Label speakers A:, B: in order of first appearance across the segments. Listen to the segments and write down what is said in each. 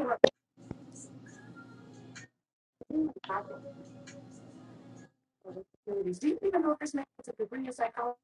A: Do you even know if this man is a degree in psychology?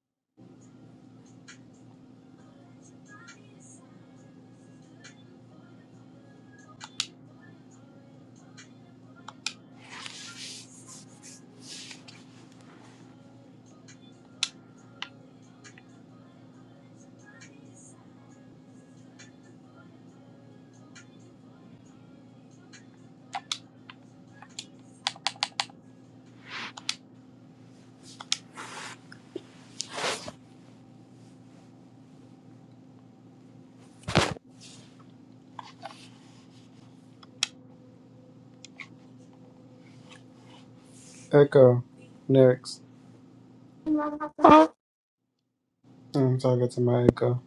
B: Echo. Next.
A: Uh-huh.
B: I'm talking to my echo.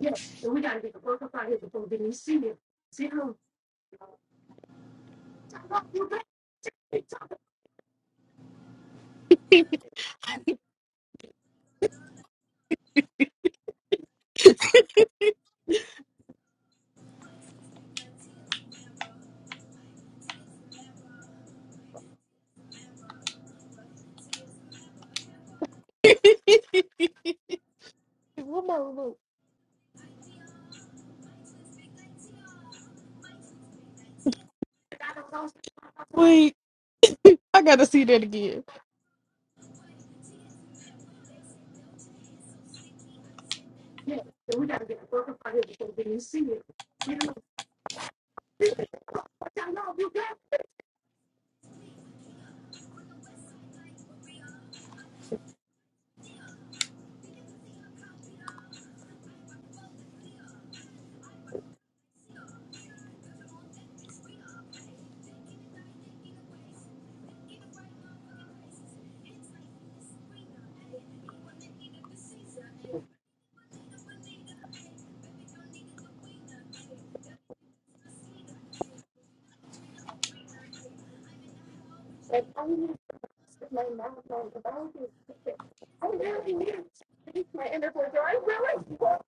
A: Yeah, So we gotta get the work up out here before even see him. See Oh, wait, I gotta see that again. Yeah, so we got to get the work up out here before we see him. See him. I I I I need need to to to to my my mouth. really really need to change my inner voice. Or I really want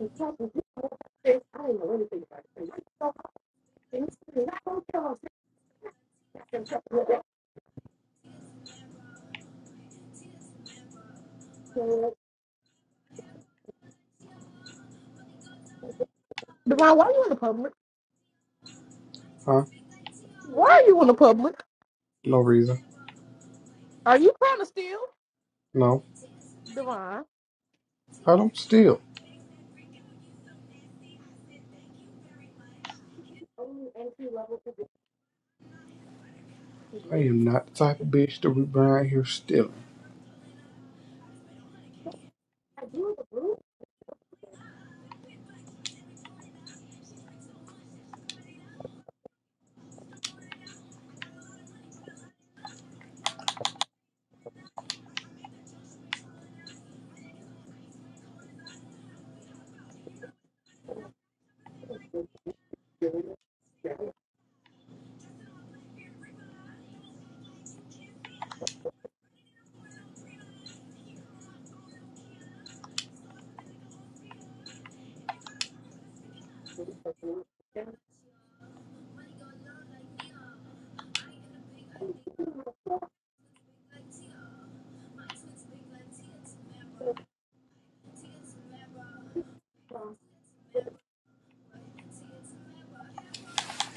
A: to talk didn't know anything about it. I'm not going to tell them. Devon, why are you in the public?
B: Huh?
A: Why are you in the public?
B: No reason.
A: Are you trying to steal?
B: No.
A: Devon.
B: I don't steal.
A: Only entry level position.
B: I am not the type of bitch to be around here stealing.
A: I'm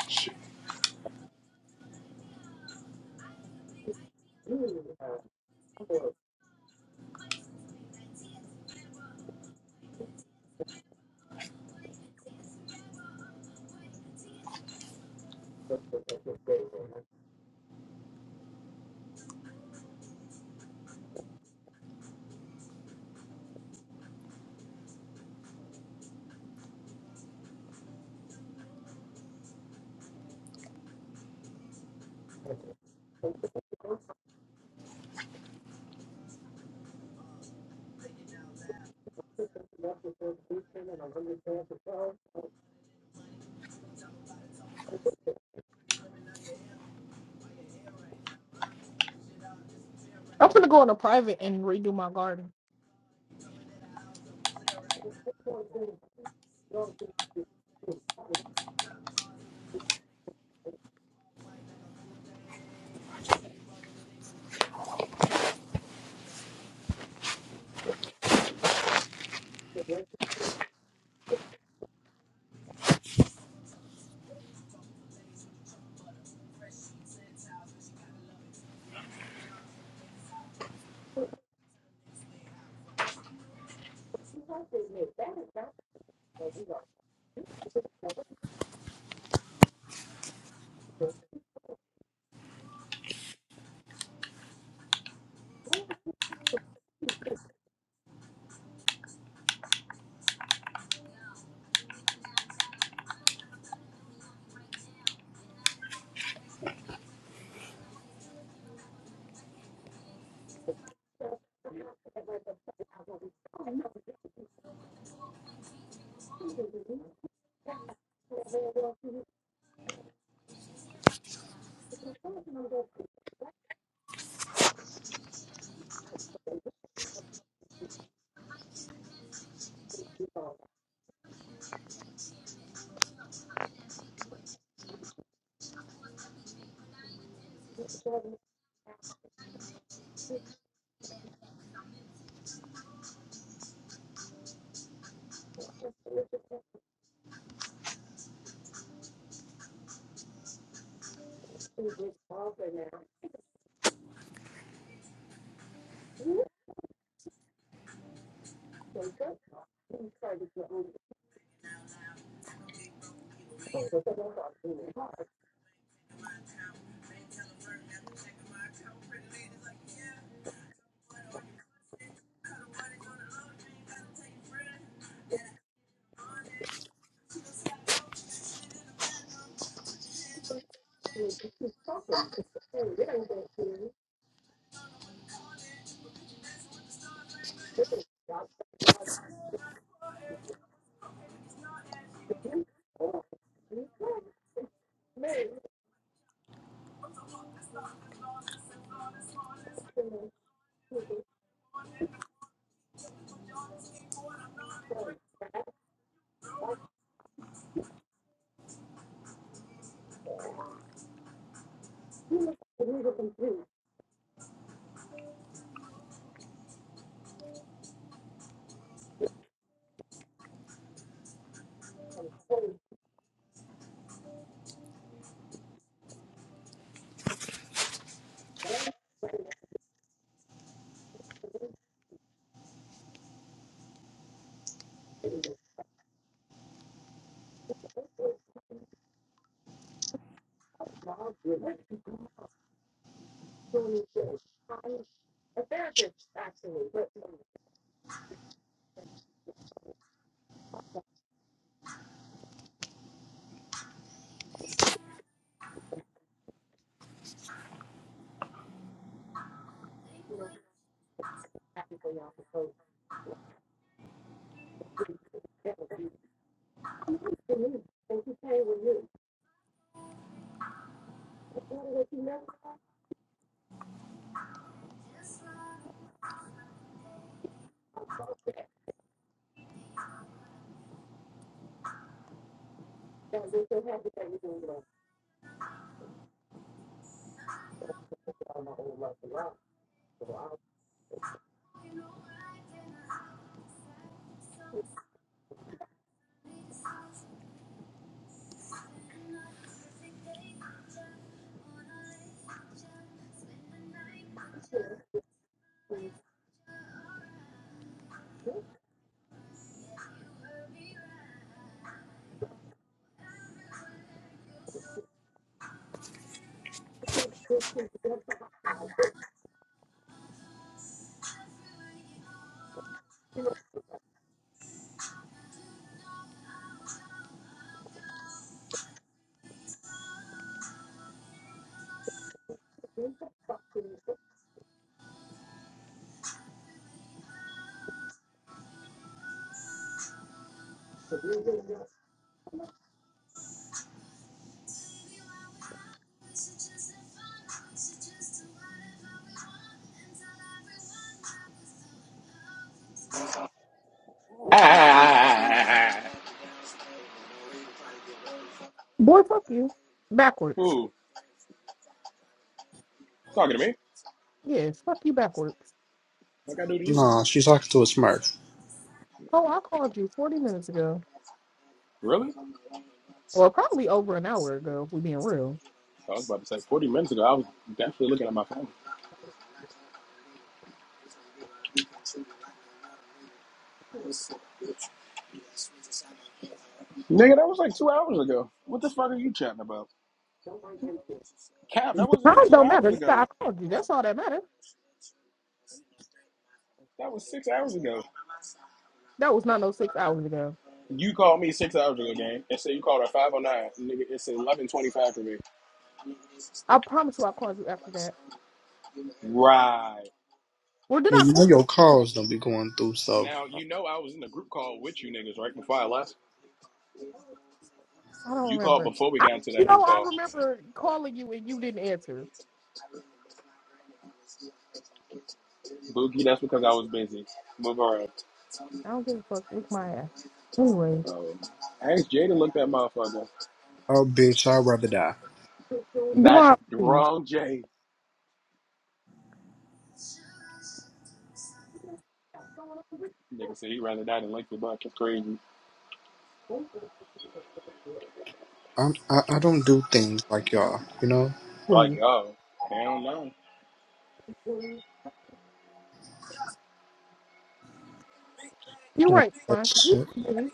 B: Shit.
A: gonna go on a private and redo my garden.
C: Ah,
A: Boy, fuck you. Backwards.
C: Ooh, talking to me?
A: Yes, fuck you backwards.
C: What I gotta do to you?
B: Nah, she's talking to a smurf.
A: Oh, I called you 40 minutes ago.
C: Really? So
A: Well, probably over an hour ago, if we're being real.
C: I was about to say 40 minutes ago, I was definitely looking at my phone. Nigga, that was like two hours ago. What the fuck are you chatting about?
A: The
C: Cap, that wasn't even
A: time
C: two
A: don't matter.
C: hours
A: nigga, I
C: ago.
A: called you. That's all that matters.
C: That was six hours ago.
A: That was not no six hours ago.
C: You called me six hours ago, gang, and said you called at 509. Nigga, it's 1125 for me.
A: I promise you, I called you after that.
C: Right.
A: Well, did
B: Well,
A: I
B: you know
A: call you?
B: your
A: after that?
B: calls don't be going through, so.
C: Now you know I was in a group call with you niggas right before I left.
A: I don't
C: You called
A: remember.
C: before we
A: I
C: got into
A: you
C: that
A: know
C: group
A: I
C: call.
A: remember calling you and you didn't answer.
C: Boogie, that's because I was busy. Move around.
A: I don't give a fuck. Lick my ass. Anyway,
C: Um, ask Jay to look that motherfucker.
B: Oh, bitch, I'd rather die.
C: Not
A: Devon, please,
C: wrong, Jay. Nigga said he rather die than lick your butt. That's crazy.
B: I'm, I, I don't do things like y'all, you know? I
C: Like,
A: please.
C: oh, hell no.
A: You're
B: Don't want
A: right,
B: that
A: Devon, because you
B: shit.
A: baby.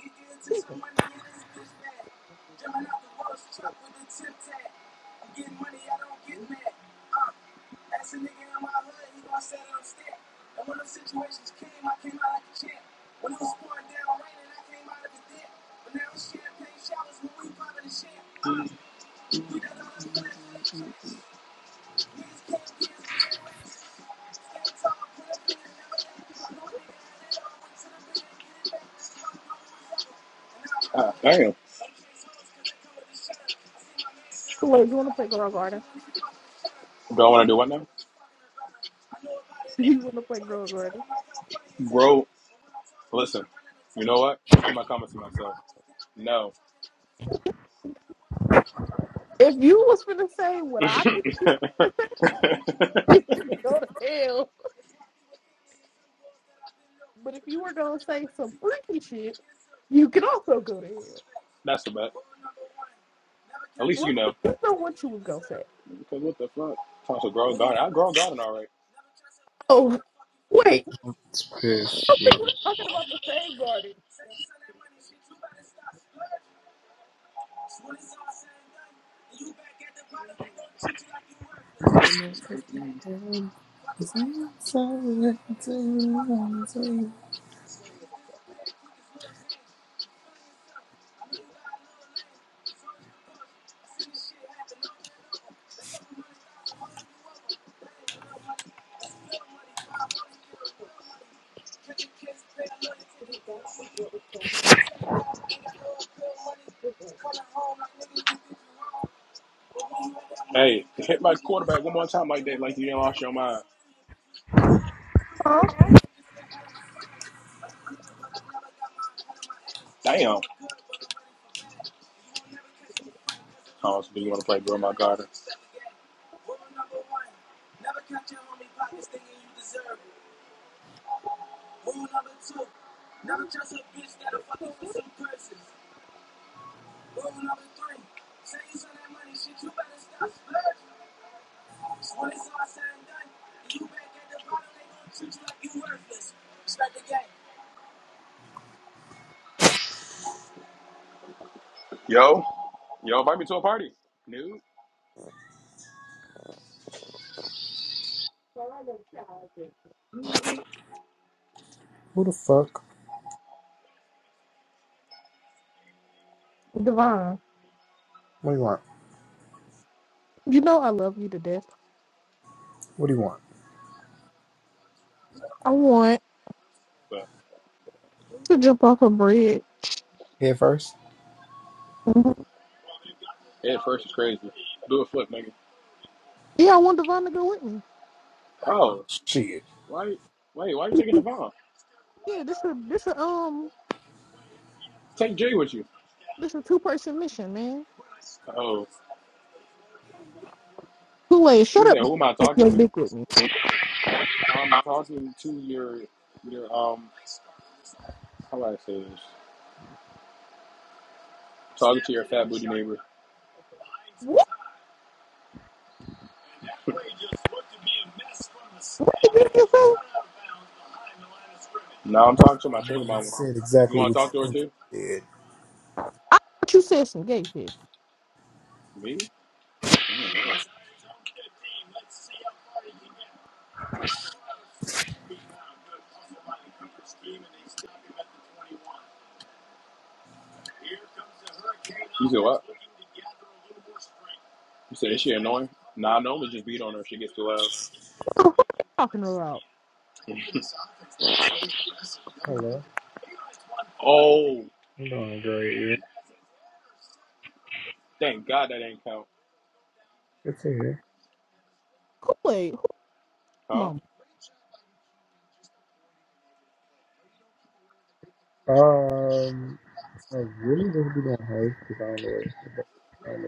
C: Ah, damn.
A: Kool-Aid, you want to play girl garden?
C: Do I want to do what now?
A: you want to play girl garden?
C: bro? Listen, you know what? I'm gonna keep my comments to myself. No,
A: If you was finna say what
C: that's
A: I think, you could go to hell. But if you were gonna say some freaky shit, you could also go to hell.
C: the bet. At least you
A: What
C: know.
A: the, you know what you was gonna say?
C: Because what the fuck? Talk to Grow a Garden. I Grow a Garden all right.
A: Oh, wait,
B: It's
A: I
B: piss
A: think we're
B: me.
A: talking about the same garden.
C: Hey, hit my quarterback one more time like that, like you didn't lost your mind.
A: Huh?
C: Damn. Oh, so do you want to play Grow My Garden? Yo, yo, invite me to a party. New.
B: Who the fuck?
A: Divine,
B: What do you want?
A: you know I love you to death.
B: What do you want?
A: I want
C: But
A: to jump off a bridge.
B: Head first?
C: head first is crazy. Do a flip, nigga.
A: Yeah, I want Divine to go with me.
C: Oh,
B: Shit.
C: why? Wait, why are you taking the
A: Yeah, this a this a um
C: Take Jay with you.
A: this a two person mission, man.
C: Oh.
A: Kool Aid,
C: You
A: shut
C: said,
A: up.
C: "Who am I
A: Take
C: talking
A: your
C: to?"
A: dick with me.
C: I'm talking to your, your um, how do I say this? Talking to your fat booty neighbor.
A: What?
C: No, I'm talking to my sugar
B: You
C: mama.
B: said
C: You
B: exactly
C: want
B: what
C: to talk
B: you
C: to her
B: think.
C: too?
A: But you said some gay shit.
C: Me? Mm. You said what? You said is she annoying? Nah, I normally just beat on her if she gets too loud.
A: What are you talking about?
B: Hello.
C: Oh,
B: I'm doing great, yeah.
C: thank God that ain't count,
B: Good to hear.
A: Kool-Aid, who your
C: huh?
A: mama?
B: Um, I really just be doing house design work. Um,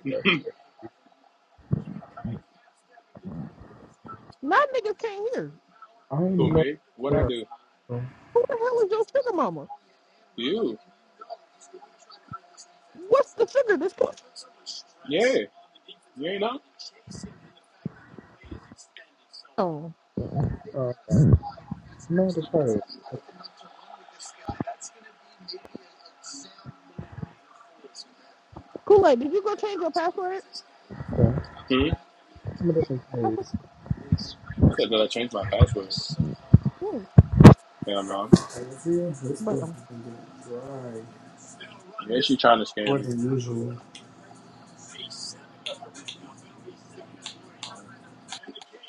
A: Nine niggas came here.
B: I am
C: Who
B: not.
C: me? What I
B: there.
C: do?
B: so,
A: Who the hell is your sugar mama?
C: You?
A: What's the sugar this comes
C: Yeah, you ain't know?
A: from?
B: Uh, no, just tired.
A: Kool-Aid, did you go change your password?
B: Okay,
C: Hmm?
B: I'm a different tired.
C: Said that I changed my password.
A: Mm,
C: Hell no.
B: I feel this
A: bro,
B: person's been getting dry
C: Yeah, she trying to scam
B: more
C: me.
B: than usual.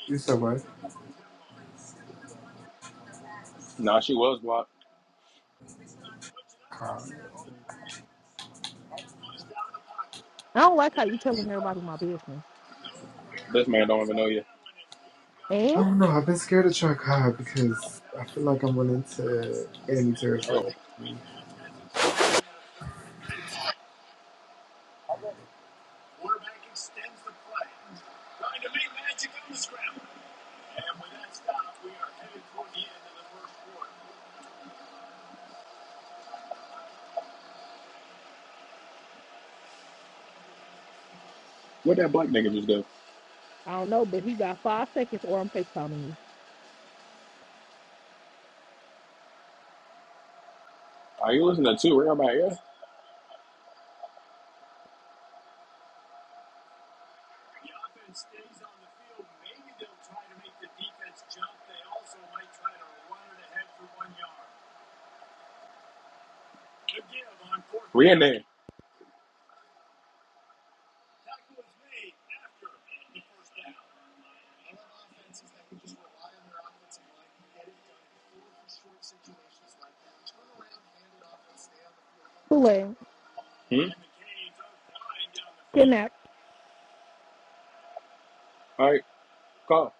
B: You said what?
C: Nah, she was blocked.
B: Cobb.
A: I don't like how you telling everybody my business.
C: This man don't even know you.
B: I
A: And
B: don't know. I've been scared of trying Cobb because I feel like I'm running into enemy
C: Oh,
B: territory.
C: what that black nigga just do?
A: I don't know, but he got five seconds or I'm FaceTiming you.
C: Are you listening to Real by Air? We in there.
A: Kool-Aid,
C: Hmm?
A: kidnapped.
C: All right, call.